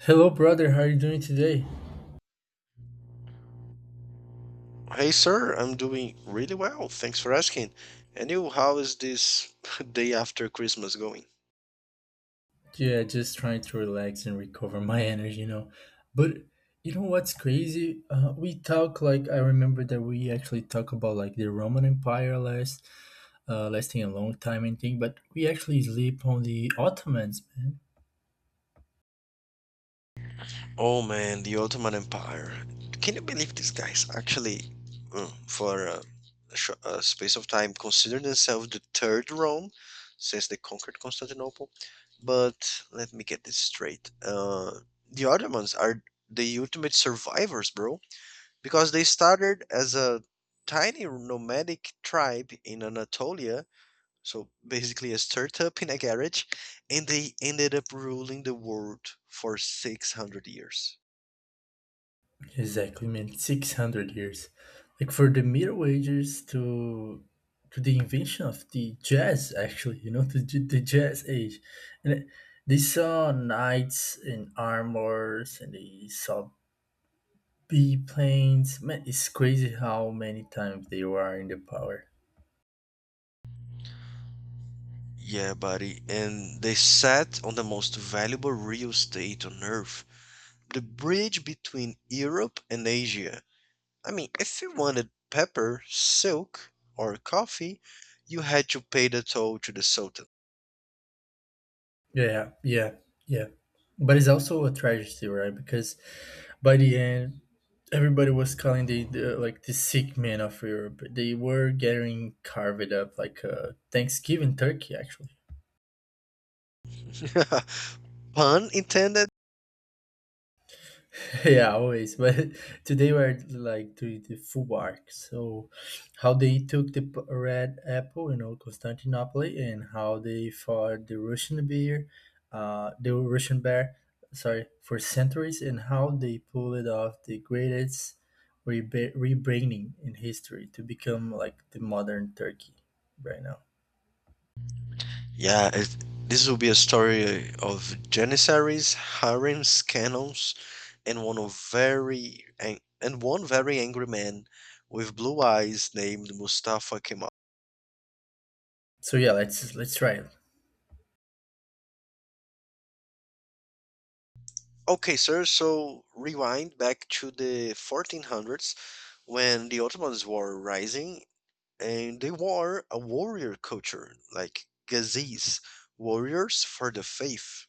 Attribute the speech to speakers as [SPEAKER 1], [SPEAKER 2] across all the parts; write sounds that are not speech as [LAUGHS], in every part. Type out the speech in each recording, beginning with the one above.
[SPEAKER 1] Hello, brother. How are you doing today?
[SPEAKER 2] Hey sir, I'm doing really well. Thanks for asking. And you, how is this [LAUGHS] day after Christmas going?
[SPEAKER 1] Yeah, just trying to relax and recover my [LAUGHS] energy, you know. But you know what's crazy? We talk like I remember that we actually talk about like the Roman Empire lasting a long time and thing. But we actually sleep on the Ottomans, man.
[SPEAKER 2] Oh man, the Ottoman Empire. Can you believe these guys actually, for a space of time, considered themselves the third Rome since they conquered Constantinople? But let me get this straight. The Ottomans are the ultimate survivors, bro, because they started as a tiny nomadic tribe in Anatolia, so basically a startup in a garage, and they ended up ruling the world for 600 years.
[SPEAKER 1] Exactly, man. 600 years, like for the Middle Ages to the invention of the jazz. Actually, [LAUGHS] to the jazz age, and they saw knights in armors, and they saw biplanes. Man, it's crazy how many times they were in the power.
[SPEAKER 2] Yeah buddy, and they sat on the most valuable real estate on earth, the bridge between Europe and Asia. I mean, if you wanted pepper, silk or coffee, you had to pay the toll to the sultan.
[SPEAKER 1] Yeah, yeah, yeah. But it's also a tragedy, right? Because by the end, everybody was calling the sick man of Europe. They were getting carved up like a Thanksgiving turkey, actually.
[SPEAKER 2] [LAUGHS] Pun intended.
[SPEAKER 1] [LAUGHS] Yeah, always. But [LAUGHS] today we're like doing the full arc. So, how they took the red apple, you know, Constantinople, and how they fought the Russian bear, uh, the Russian bear, for centuries, and how they pulled off the greatest rebranding in history to become like the modern Turkey right now.
[SPEAKER 2] Yeah, it, this will be a story of janissaries, harems, cannons, and one very angry man with blue eyes named Mustafa Kemal.
[SPEAKER 1] So yeah, let's try it.
[SPEAKER 2] Okay, sir. So rewind back to the 1400s when the Ottomans were rising, and they were a warrior culture, like Ghazis, warriors for the faith.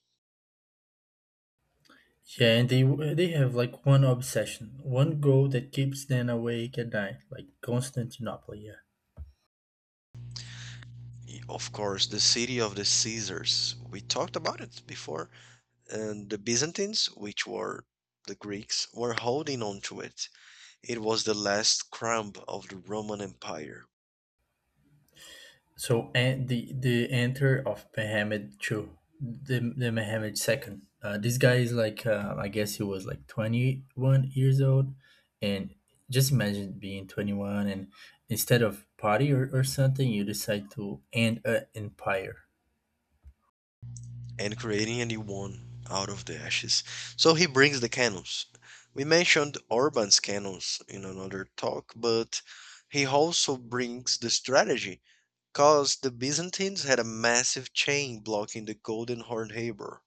[SPEAKER 1] Yeah, and they have like one obsession, one goal that keeps them awake at night, like Constantinople. Yeah.
[SPEAKER 2] Of course, the city of the Caesars. We talked about it before. And the Byzantines, which were the Greeks, were holding on to it. It was the last crumb of the Roman Empire,
[SPEAKER 1] So and the enter of Mohammed two, the Mohammed second. This guy is I guess he was like 21 years old, and just imagine being 21 and instead of or something, you decide to end an empire.
[SPEAKER 2] and creating a new one out of the ashes. So he brings the canons. We mentioned Orban's canons in another talk, but he also brings the strategy because the Byzantines had a massive chain blocking the Golden Horn Harbor.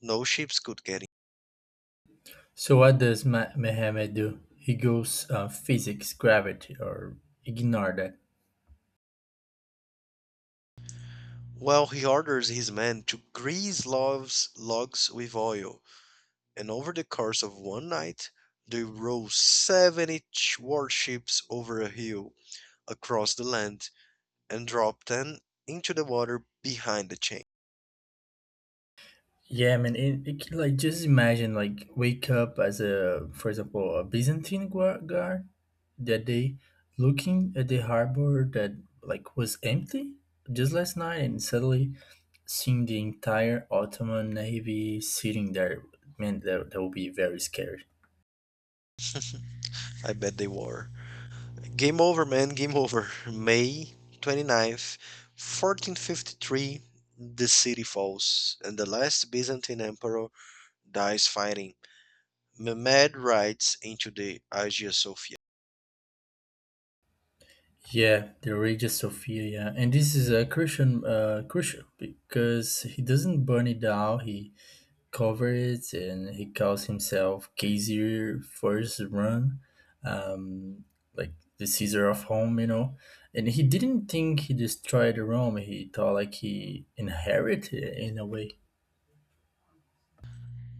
[SPEAKER 2] No ships could get in.
[SPEAKER 1] So what does Mohammed do? He goes physics, gravity, or ignore that.
[SPEAKER 2] Well, he orders his men to grease logs with oil, and over the course of one night they rowed 70 warships over a hill across the land and dropped 10 into the water behind the chain.
[SPEAKER 1] Yeah, man. Like, just imagine, like, wake up as a, for example, a Byzantine guard that day, looking at the harbor that like was empty just last night, and suddenly seeing the entire Ottoman navy sitting there. Man, that would be very scary.
[SPEAKER 2] I bet they were. Game over, man, game [LAUGHS] over. May twenty ninth, 1453, the city falls, and the last Byzantine emperor dies fighting. Mehmed rides into the Hagia Sophia.
[SPEAKER 1] Yeah, the Regia Sophia, yeah, and this is a crucial because he doesn't burn it down. He cover it and he calls himself Kaiser First Run, um, like the Caesar of Rome, you know. And he didn't think he destroyed Rome. He thought like he inherited it in a way.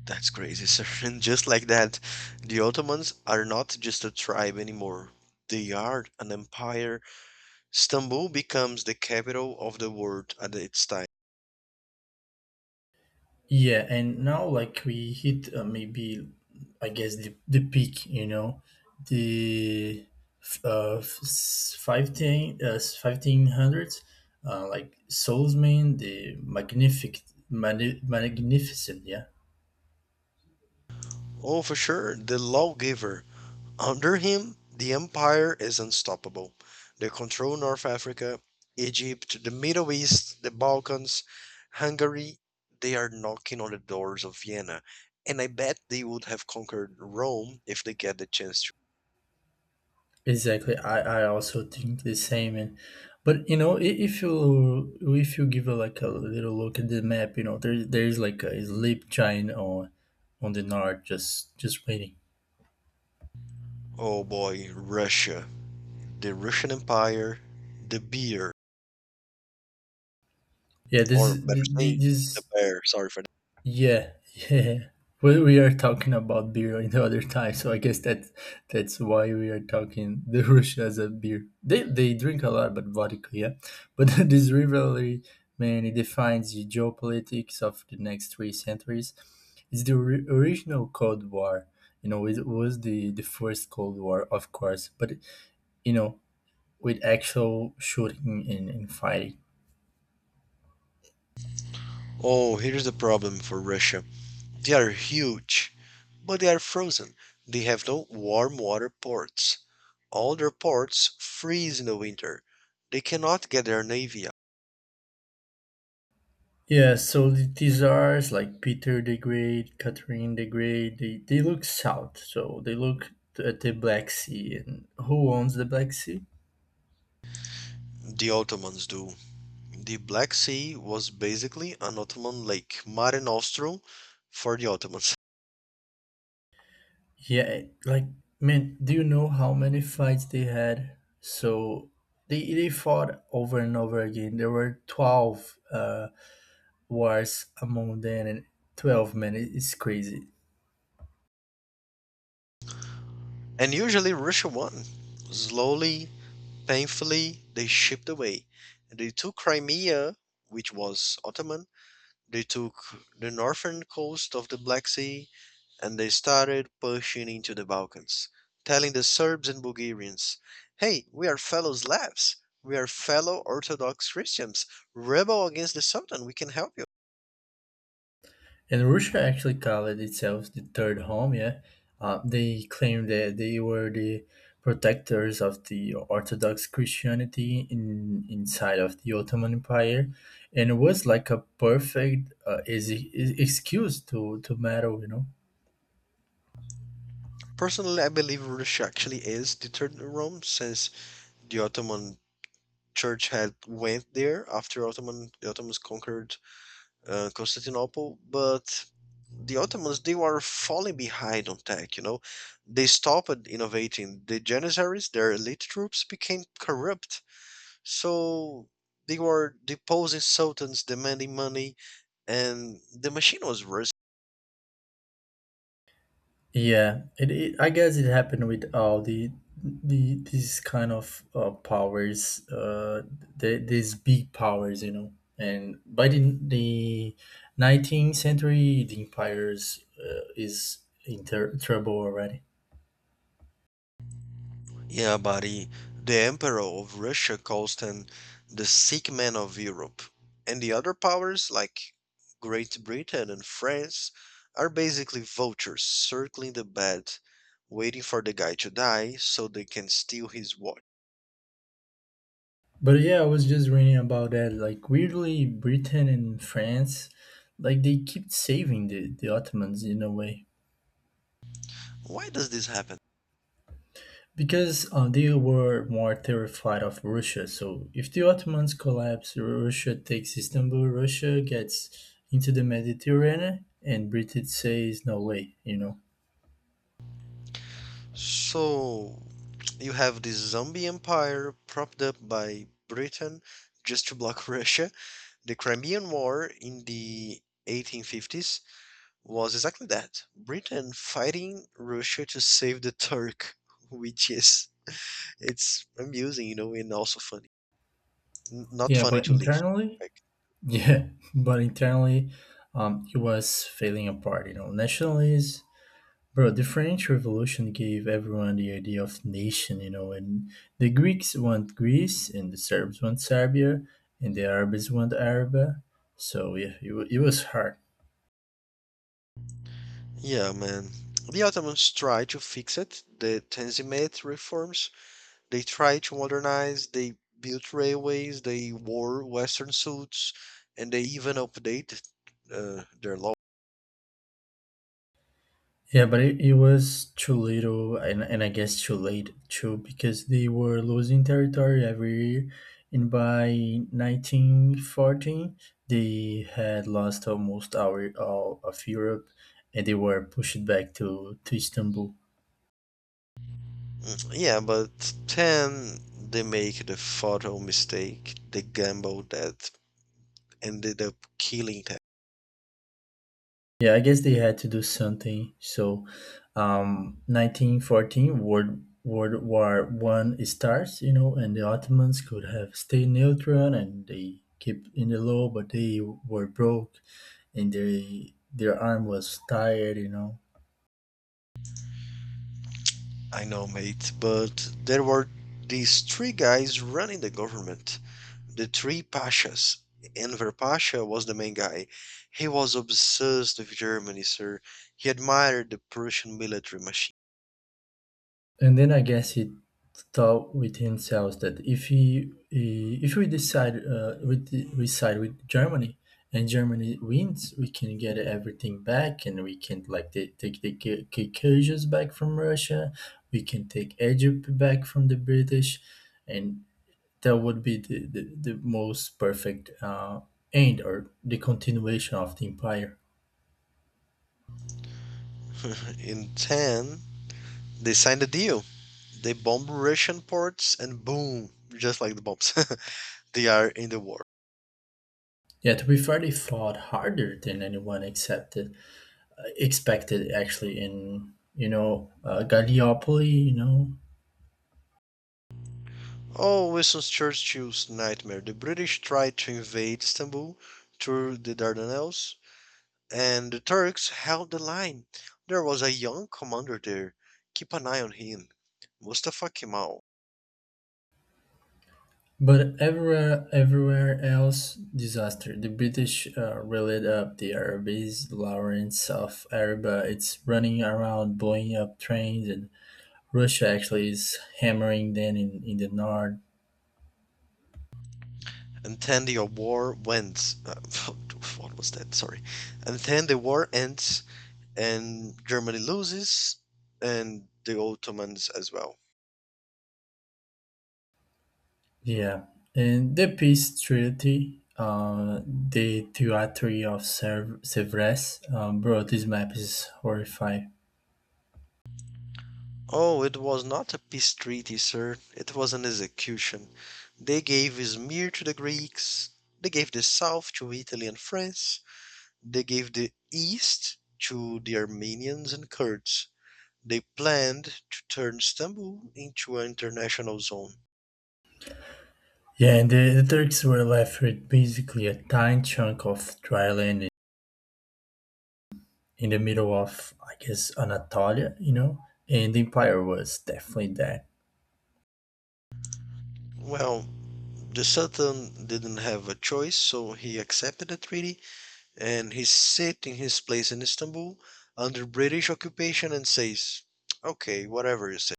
[SPEAKER 2] That's crazy, sir. [LAUGHS] And just like that, the Ottomans are not just a tribe anymore. They are an empire. Istanbul becomes the capital of the world at its time.
[SPEAKER 1] Yeah, and now like we hit maybe I guess the peak, you know, the 1500s, like Soulsman, the magnificent, yeah.
[SPEAKER 2] Oh, for sure, the lawgiver. Under him, the empire is unstoppable. They control North Africa, Egypt, the Middle East, the Balkans, Hungary. They are knocking on the doors of Vienna. And I bet they would have conquered Rome if they get the chance to.
[SPEAKER 1] Exactly. I also think the same, and but you know if you give a, like a little look at the map, you know, there's like a sleep giant on the north, just waiting.
[SPEAKER 2] Oh boy, Russia, the Russian Empire, the beer,
[SPEAKER 1] Yeah, this
[SPEAKER 2] or
[SPEAKER 1] is
[SPEAKER 2] better saying, the
[SPEAKER 1] this.
[SPEAKER 2] bear. Sorry for that.
[SPEAKER 1] Yeah, [LAUGHS] yeah. Well, we are talking about beer in the other time, so I guess that's why we are talking the [LAUGHS] Russia as a beer. They drink a lot, but vodka, yeah. But [LAUGHS] this rivalry, man, it defines the geopolitics of the next three centuries. It's the original Cold War. You know, it was the first Cold War, of course, but you know, with actual shooting and fighting.
[SPEAKER 2] Oh, here's the problem for Russia. They are huge, but they are frozen. They have no warm water ports. All their ports freeze in the winter. They cannot get their navy out.
[SPEAKER 1] Yeah, so these are like Peter the Great, Catherine the Great. They look south, so they look at the Black Sea. And who owns the Black Sea?
[SPEAKER 2] The Ottomans do. The Black Sea was basically an Ottoman lake, Mare Nostrum for the Ottomans.
[SPEAKER 1] Yeah, like man, do you know how many fights they had? So they fought over and over again. There were 12 wars among them, and 12 men. It's crazy.
[SPEAKER 2] And usually Russia won. Slowly, thankfully, they shipped away. They took Crimea, which was Ottoman, they took the northern coast of the Black Sea, and they started pushing into the Balkans, telling the Serbs and Bulgarians, "Hey, we are fellow Slavs, we are fellow Orthodox Christians, rebel against the Sultan, we can help you."
[SPEAKER 1] And Russia actually called itself the third home, yeah. They claimed that they were the protectors of the Orthodox Christianity inside of the Ottoman Empire, and it was like a perfect excuse to meddle, you know.
[SPEAKER 2] Personally, I believe Russia actually is the third Rome since the Ottoman church had went there after Ottomans conquered Constantinople, but the Ottomans, they were falling behind on tech. You know, they stopped innovating. The Janissaries, their elite troops, became corrupt, so they were deposing sultans, demanding money, and the machine was ru-
[SPEAKER 1] Yeah, it I guess it happened with all the these kind of these big powers, you know. And by the 19th century, the empires is in trouble already.
[SPEAKER 2] Yeah, buddy. The Emperor of Russia calls them the sick men of Europe. And the other powers, like Great Britain and France, are basically vultures circling the bed, waiting for the guy to die so they can steal his watch.
[SPEAKER 1] But yeah, I was just reading about that. Like weirdly, Britain and France, like they keep saving the Ottomans in a way.
[SPEAKER 2] Why does this happen?
[SPEAKER 1] Because they were more terrified of Russia. So if the Ottomans collapse, Russia takes Istanbul, Russia gets into the Mediterranean, and Britain says, no way, you know?
[SPEAKER 2] So, you have this zombie empire propped up by Britain just to block [LAUGHS] Russia, the Crimean War in the 1850s, was exactly that. Britain fighting Russia to save the Turk, [LAUGHS] which is, it's amusing, you know, and also funny. N- not
[SPEAKER 1] Yeah,
[SPEAKER 2] funny
[SPEAKER 1] but
[SPEAKER 2] to live.
[SPEAKER 1] internally,
[SPEAKER 2] Like,
[SPEAKER 1] yeah, [LAUGHS] but internally, it was failing apart, you know? Nationalists. Bro, the French Revolution gave everyone the idea of nation, you know, and the Greeks want Greece, and the Serbs want Serbia, and the Arabs want Arabia. So yeah, it was hard.
[SPEAKER 2] yeah, man. The Ottomans tried to fix it. The Tanzimat reforms. They tried to modernize. They built railways. They wore Western suits, and they even updated their law.
[SPEAKER 1] Yeah, but it was too little, and I guess too late too, because they were losing territory every year, and by 1914 they had lost almost our all of Europe, and they were pushed back to Istanbul.
[SPEAKER 2] Yeah, but then they make the fatal mistake, the gamble that ended up killing them.
[SPEAKER 1] Yeah, I guess they had to do something. So, 1914, World War One starts, you know, and the Ottomans could have stayed neutral and they keep in the low, but they were broke, and they their arm was tired, you know.
[SPEAKER 2] I know, mate, but there were these three guys running the government, the three pashas. Enver Pasha was the main guy. He was obsessed with Germany, sir. He admired the Prussian military machine.
[SPEAKER 1] And then I guess he thought with himself that if he, he- if we decide we side with Germany and Germany wins, we can get everything back and we can like take the Caucasus back from Russia, we can take Egypt back from the British, and that would be the most perfect end or the continuation of the empire.
[SPEAKER 2] [LAUGHS] In 10, they signed a deal. They bomb Russian ports and boom, just like the bombs, [LAUGHS] they are in the war.
[SPEAKER 1] Yet we fairly fought harder than anyone accepted. Expected actually in you know Gallipoli, you know,
[SPEAKER 2] Oh, Winston Churchill's nightmare. The British tried to invade Istanbul through the Dardanelles, and the Turks held the line. There was a young commander there. Keep an eye on him. Mustafa Kemal.
[SPEAKER 1] but everywhere else disaster. The British relit up the Arabs, Lawrence of Arabia. It's running around blowing up trains, and Russia actually is hammering them in the north.
[SPEAKER 2] And then the war went. [LAUGHS] What was that? Sorry. And then the war ends, and Germany loses, and the Ottomans as well.
[SPEAKER 1] Yeah, and the peace treaty. The theory of Sevres, bro, this map is horrifying.
[SPEAKER 2] Oh, it was not a peace treaty, sir. It was an execution. They gave Izmir to the Greeks. They gave the south to Italy and France. They gave the east to the Armenians and Kurds. They planned to turn Istanbul into an international zone.
[SPEAKER 1] Yeah, and the Turks were left with basically a tiny chunk of dry land in the middle of, I guess, Anatolia, you know? And the empire was definitely that.
[SPEAKER 2] Well, the Sultan didn't have a choice, so he accepted the treaty and he sits in his place in Istanbul under British occupation and says, okay, whatever you say.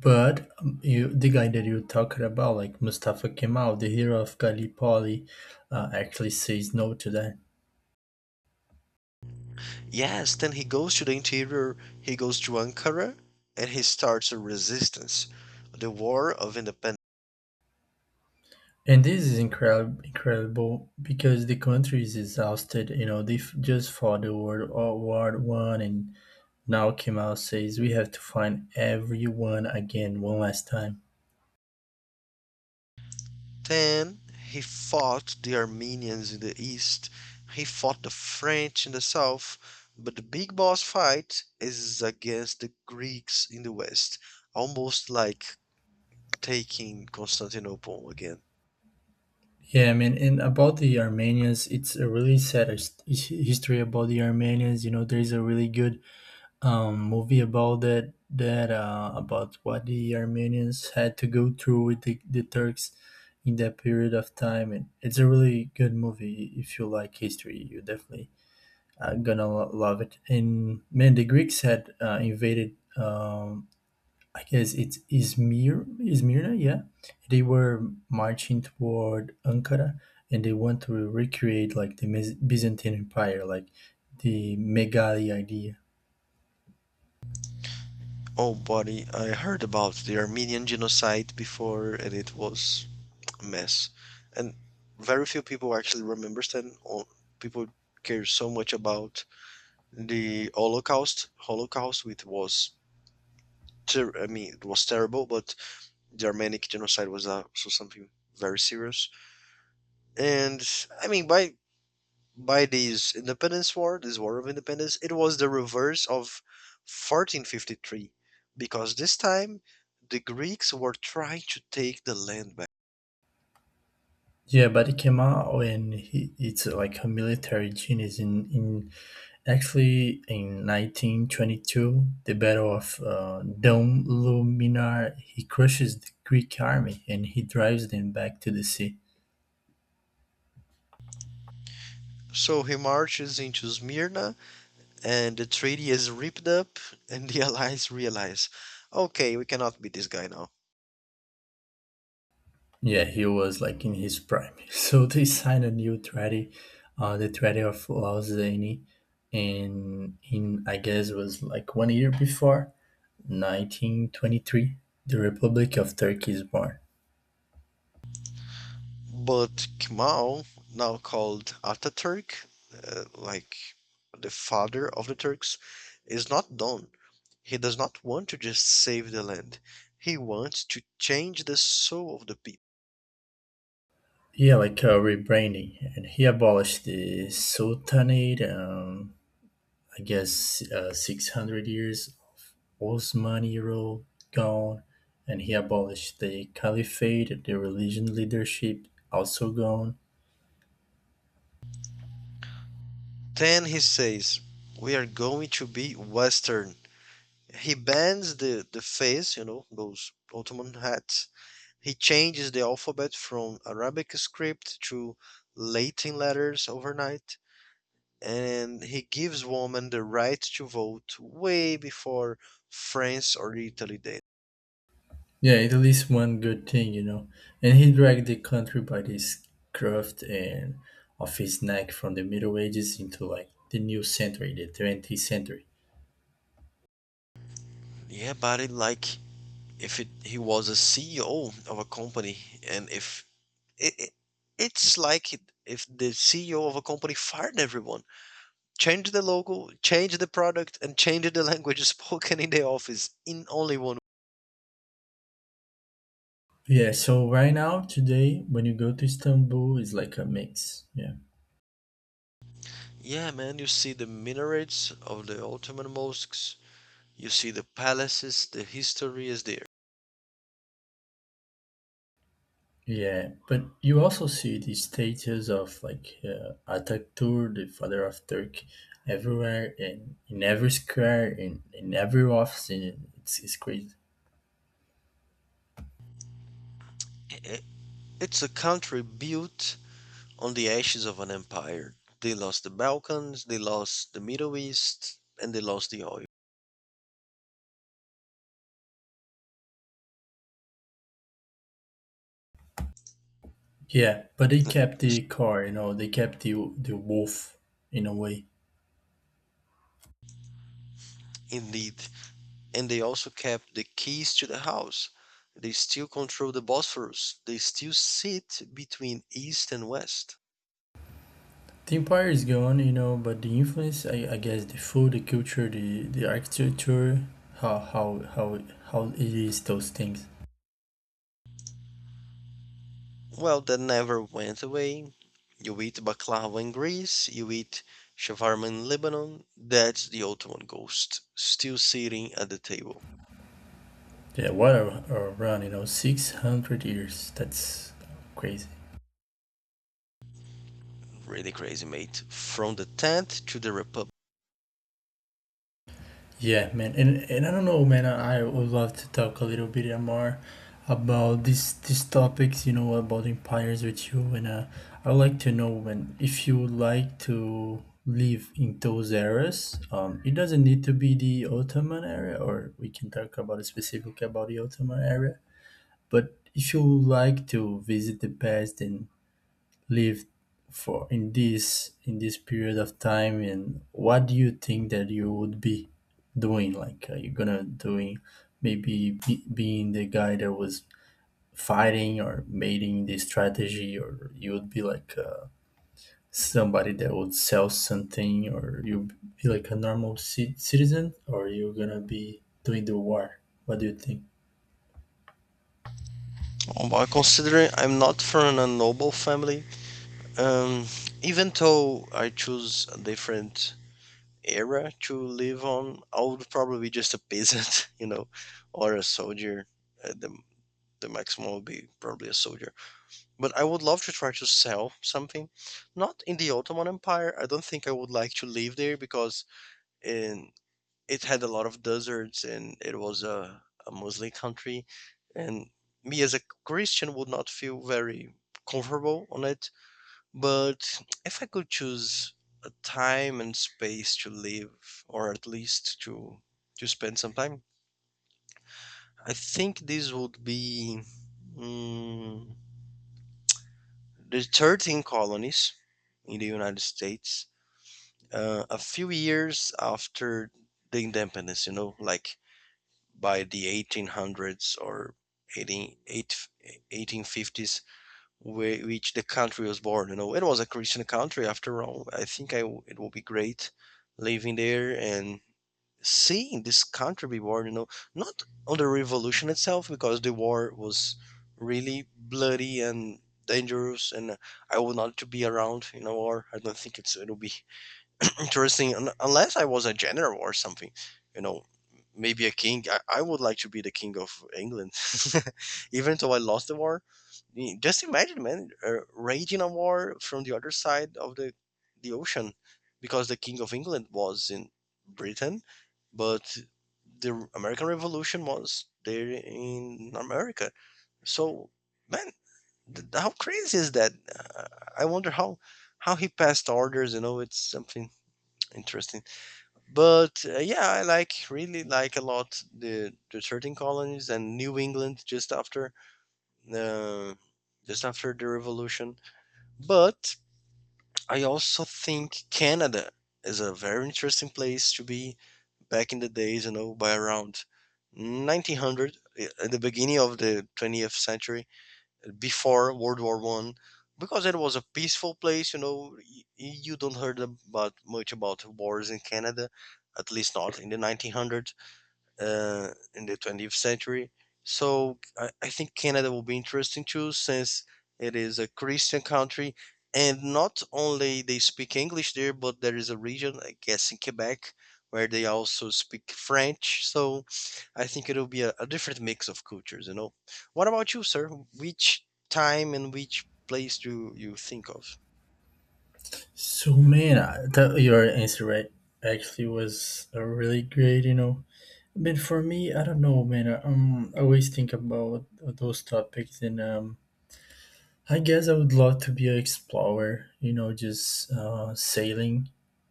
[SPEAKER 1] But the guy that you talking about, like Mustafa Kemal, the hero of Gallipoli, actually says no to that.
[SPEAKER 2] Yes, then he goes to the interior, he goes to Ankara, and he starts a resistance, the War of Independence.
[SPEAKER 1] And this is incredible because the country is exhausted. You know, just fought the World War One, and now Kemal says we have to find everyone again one last time.
[SPEAKER 2] Then he fought the Armenians in the east, he fought the French in the south, but the big boss fight is against the Greeks in the west, almost like taking Constantinople again.
[SPEAKER 1] Yeah, I mean, and about the Armenians, it's a really sad history about the Armenians. You know, there's a really good movie about that, about what the Armenians had to go through with the Turks in that period of time. And it's a really good movie. If you like history, you definitely gonna love it. And man, the Greeks had invaded I guess it's Izmir, Izmirna, yeah. They were marching toward Ankara, and they want to recreate like the Byzantine Empire, like the Megali idea.
[SPEAKER 2] Oh, buddy, I heard about the Armenian genocide before and it was a mess. And very few people actually remember then. Or people care so much about the Holocaust, which was ter- I mean, it was terrible, but the Armenian genocide was also something very serious. And I mean, by this independence war, this war of independence, it was the reverse of 1453, because this time the Greeks were trying to take the land back.
[SPEAKER 1] Yeah, but Kemal and he, it's like a military genius. In actually in 1922, the Battle of Dom, he crushes the Greek army and he drives them back to the sea.
[SPEAKER 2] So he marches into Smyrna, and the treaty is ripped up, and the [LAUGHS] allies realize, okay, we cannot beat this guy now.
[SPEAKER 1] Yeah, he was like in his prime. [LAUGHS] So they signed a new treaty, the Treaty of Lausanne, and in I guess was like 1 year before, 1923, the Republic of Turkey is born.
[SPEAKER 2] But Kemal, now called Ataturk, like the father of the Turks, is not done. He does not want to just save the land. He wants to change the soul of the people.
[SPEAKER 1] Yeah, like a rebranding, and he abolished the Sultanate. I guess 600 years of Osmani rule gone, and he abolished the Caliphate, the religion leadership also gone.
[SPEAKER 2] Then he says, "We are going to be Western." He bans the fez, you know, those Ottoman hats. He changes the alphabet from Arabic script to Latin letters overnight. And he gives women the right to vote way before France or Italy did.
[SPEAKER 1] Yeah, Italy's one good thing, you know. And he dragged the country by this craft and of his neck from the Middle Ages into like the new century, the 20th century.
[SPEAKER 2] Yeah, but it, like if it, He was a CEO of a company and if It, it, it's like if the CEO of a company fired everyone, changed the logo, changed the product, and changed the [LAUGHS] language spoken in the office in only one.
[SPEAKER 1] Yeah, so right now, today, when you go to Istanbul, it's like a mix. Yeah.
[SPEAKER 2] Yeah, man, you see the minarets of the Ottoman mosques, you see the palaces, the history is there.
[SPEAKER 1] Yeah, but you also see the statues of like Atatürk, the father of Turkey, everywhere and in every square, in every office. And it's crazy.
[SPEAKER 2] It's a country built on the ashes of an empire. They lost the Balkans, they lost the Middle East, and they lost the oil.
[SPEAKER 1] Yeah, but they kept the car, you know, they kept the wolf in a way.
[SPEAKER 2] Indeed. And they also kept the keys to the house. They still control the Bosphorus. They still sit between East and West.
[SPEAKER 1] The empire is gone, you know, but the influence, I guess, the food, the culture, the architecture, how how it is those things.
[SPEAKER 2] Well, that never went away. You eat baklava in Greece, you eat shawarma in Lebanon. That's the Ottoman ghost, still sitting at the table.
[SPEAKER 1] Yeah, what a run, you know, 600 years. That's crazy.
[SPEAKER 2] Really crazy, mate. From the tent to the Republic.
[SPEAKER 1] Yeah, man, and I don't know, man. I would love to talk a little bit more about these topics, you know, about empires with you, and I would like to know when if you would like to live in those eras. It doesn't need to be the Ottoman area, or we can talk about it specifically about the Ottoman area. But if you would like to visit the past and lived for in this period of time, and what do you think that you would be doing? Like, are you gonna being the guy that was fighting or making the strategy, or you would be like somebody that would sell something, or you be like a normal citizen, or you're gonna be doing the war? What do you think?
[SPEAKER 2] Well, considering I'm not from a noble family, um, even though I choose a different era to live on, I would probably be just a peasant, [LAUGHS] you know, or a soldier. At the, the maximum would be probably a soldier. But I would love to try to sell something. Not in the Ottoman Empire. I don't think I would like to live there because, in it had a lot of deserts and it was a Muslim country. And me as a Christian would not feel very comfortable on it. But if I could choose a time and space to live, or at least to spend some time, I think this would be mm, the 13 colonies in the United States, a few years after the independence, you know, like by the 1800s or 18, 1850s, which the country was born. You know, it was a Christian country after all. I think I it will be great living there and seeing this country be born. You know, not on the revolution itself because the war was really bloody and dangerous, and I would not to be around in a war. I don't think it'll be interesting unless I was a general or something, you know, maybe a king. I would like to be the king of England, [LAUGHS] even though I lost the war. Just imagine, man, raging a war from the other side of the ocean, because the king of England was in Britain, but the American Revolution was there in America. So, man, how crazy is that? Uh, I wonder how he passed orders. You know, it's something interesting. But yeah, I like really like a lot the 13 colonies and New England uh, just after the Revolution. But I also think Canada is a very interesting place to be back in the days, you know, by around 1900 at the beginning of the 20th century before World War I, because it was a peaceful place. You know, you don't heard about much about wars in Canada, at least not in the 1900s, in the 20th century. So I think Canada will be interesting too, since it is a Christian country, and not only they speak English there, but there is a region, I guess, in Quebec, where they also speak French. So I think it'll be a different mix of cultures. You know, what about you, sir? Which time and which place do you think of?
[SPEAKER 1] So, man, your answer right actually was a really great, you know. But for me, I don't know, man. I always think about those topics, and I guess I would love to be an explorer. You know, just sailing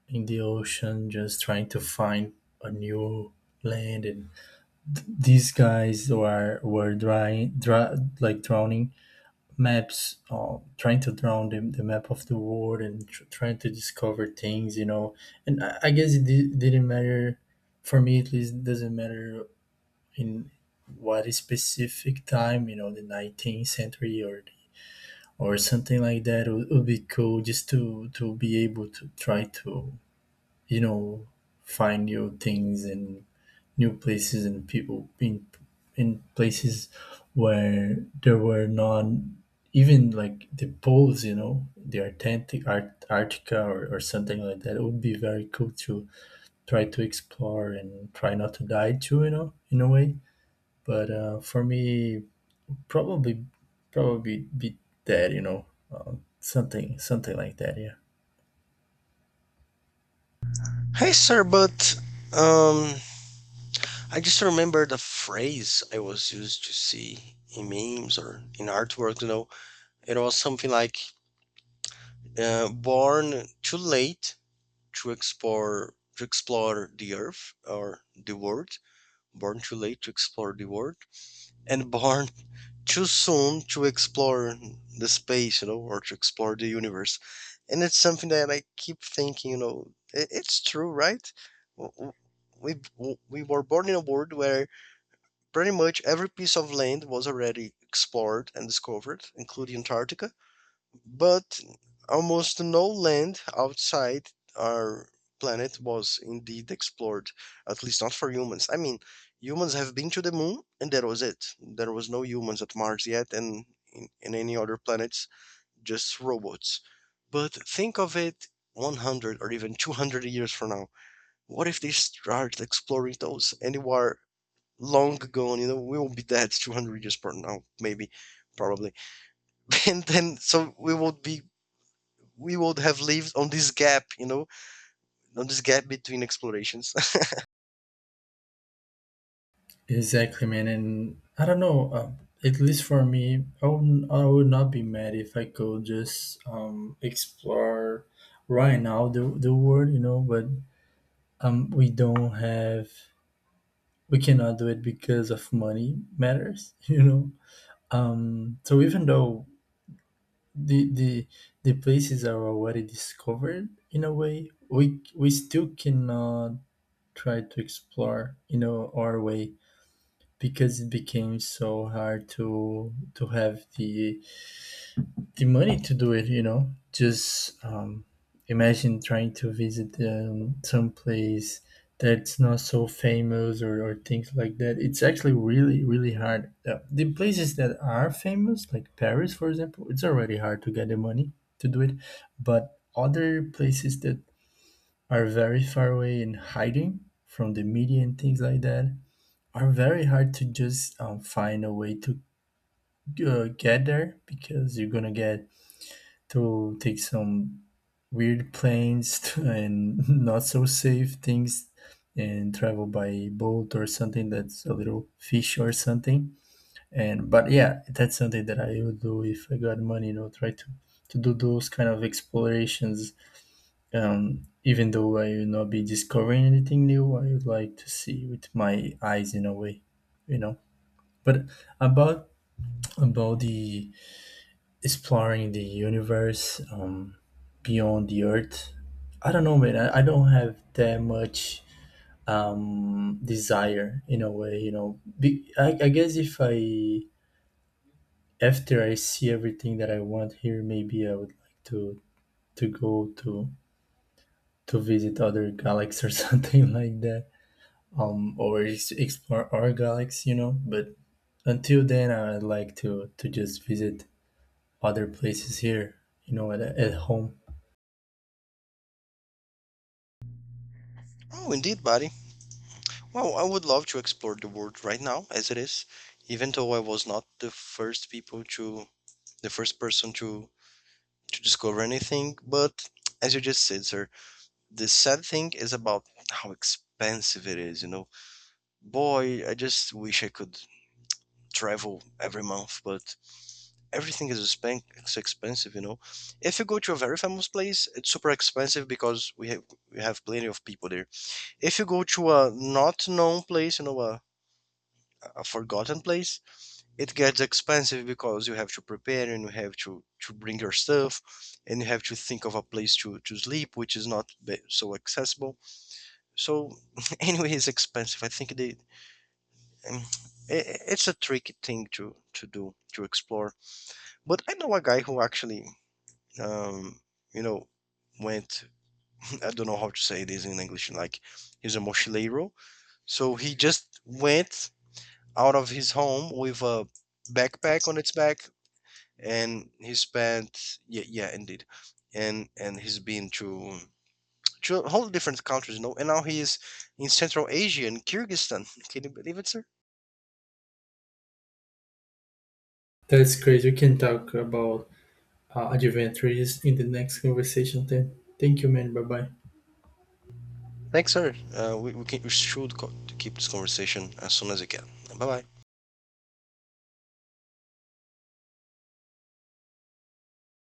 [SPEAKER 1] in the ocean, just trying to find a new land. And these guys who are were dry, dry like drowning maps, trying to drown the map of the world and trying to discover things. You know, and I guess it didn't matter for me, at least. It doesn't matter in what specific time, you know, the 19th century or something like that would be cool, just to be able to try to, you know, find new things and new places and people in places where there were none, even like the poles, you know, the authentic Arctica or something like that. It would be very cool to try to explore and try not to die too, you know, in a way. But for me, probably probably be that you know something like that. Yeah,
[SPEAKER 2] Hey, sir, but um, I just remember the phrase I was used to see in memes or in artwork, you know. It was something like born too late to explore the earth or the world, born too late to explore the world, and born too soon to explore the space, you know, or to explore the universe. And it's something that I keep thinking, you know, it's true, right? W- w- we were born in a world where pretty much every piece of land was already explored and discovered, including Antarctica, but almost no land outside our planet was indeed explored, at least not for humans. I mean, humans have been to the moon, and that was it. There was no humans at Mars yet, and in any other planets, just robots. But think of it 100 or even 200 years from now. What if they start exploring those anywhere long gone. You know, we will be dead [LAUGHS] 200 years from now, maybe, probably. [LAUGHS] And then, so we would have lived on this gap, you know, on this gap between explorations.
[SPEAKER 1] exactly, man. And I don't know. At least for me, I would not be mad if I could just explore right now the world, you know. But we don't have we cannot do it because of money matters, [LAUGHS] you know. So even though the the the places are already discovered, in a way we still cannot try to explore, you know, our way, because it became so hard to have the money to do it, you know. Just imagine trying to visit some place that's not so famous, or things like that. It's actually really, really hard. The places that are famous, like Paris, for example, it's already hard to get the money to do it. But other places that are very far away and hiding from the media and things like that are very hard to just find a way to get there, because you're gonna get to take some weird planes [LAUGHS] and not so safe things and travel by boat or something that's a little fish or something. And but yeah, that's something that I would do if I got money, you know, try to do those kind of explorations. Um, even though I will not be discovering anything new, I would like to see with my eyes, in a way, you know. But about about the exploring the universe, beyond the earth, I don't know, man. I don't have that much desire, in a way, you know. I guess if I, after I see everything that I want here, maybe I would like to go to visit other galaxies, or [LAUGHS] something like that. Um, or explore our galaxy, you know. But until then, I'd like to just visit other places here, you know, at home.
[SPEAKER 2] [LAUGHS] Oh, indeed, buddy. Well, I would love to explore the world right now, as it is, even though I was not the first person to discover anything. But as you just said, sir, the sad thing is about how expensive it is. You know, boy, I just wish I could travel every month, but everything is it's expensive, you know. If you go to a very famous place, it's super expensive because we have plenty of people there. If you go to a not known place, you know, a forgotten place, it gets expensive because you have to prepare and you have to bring your stuff, and you have to think of a place to sleep, which is not so accessible. So [LAUGHS] anyway, it's expensive. I think they. Um, it's a tricky thing to do, to explore, but I know a guy who actually, um, you know, went, [LAUGHS] I don't know how to say this in English, like, he's a mochileiro. So he just went out of his home with a backpack on its back, and he spent, yeah, yeah, indeed. And he's been to a whole different countries, you know, and now he is in Central Asia, in Kyrgyzstan. [LAUGHS] Can you believe it, sir?
[SPEAKER 1] That's great. We can talk about adventures in the next conversation then. Thank you, man. Bye bye.
[SPEAKER 2] Thanks, sir. We should keep this conversation as soon as we can. Bye bye.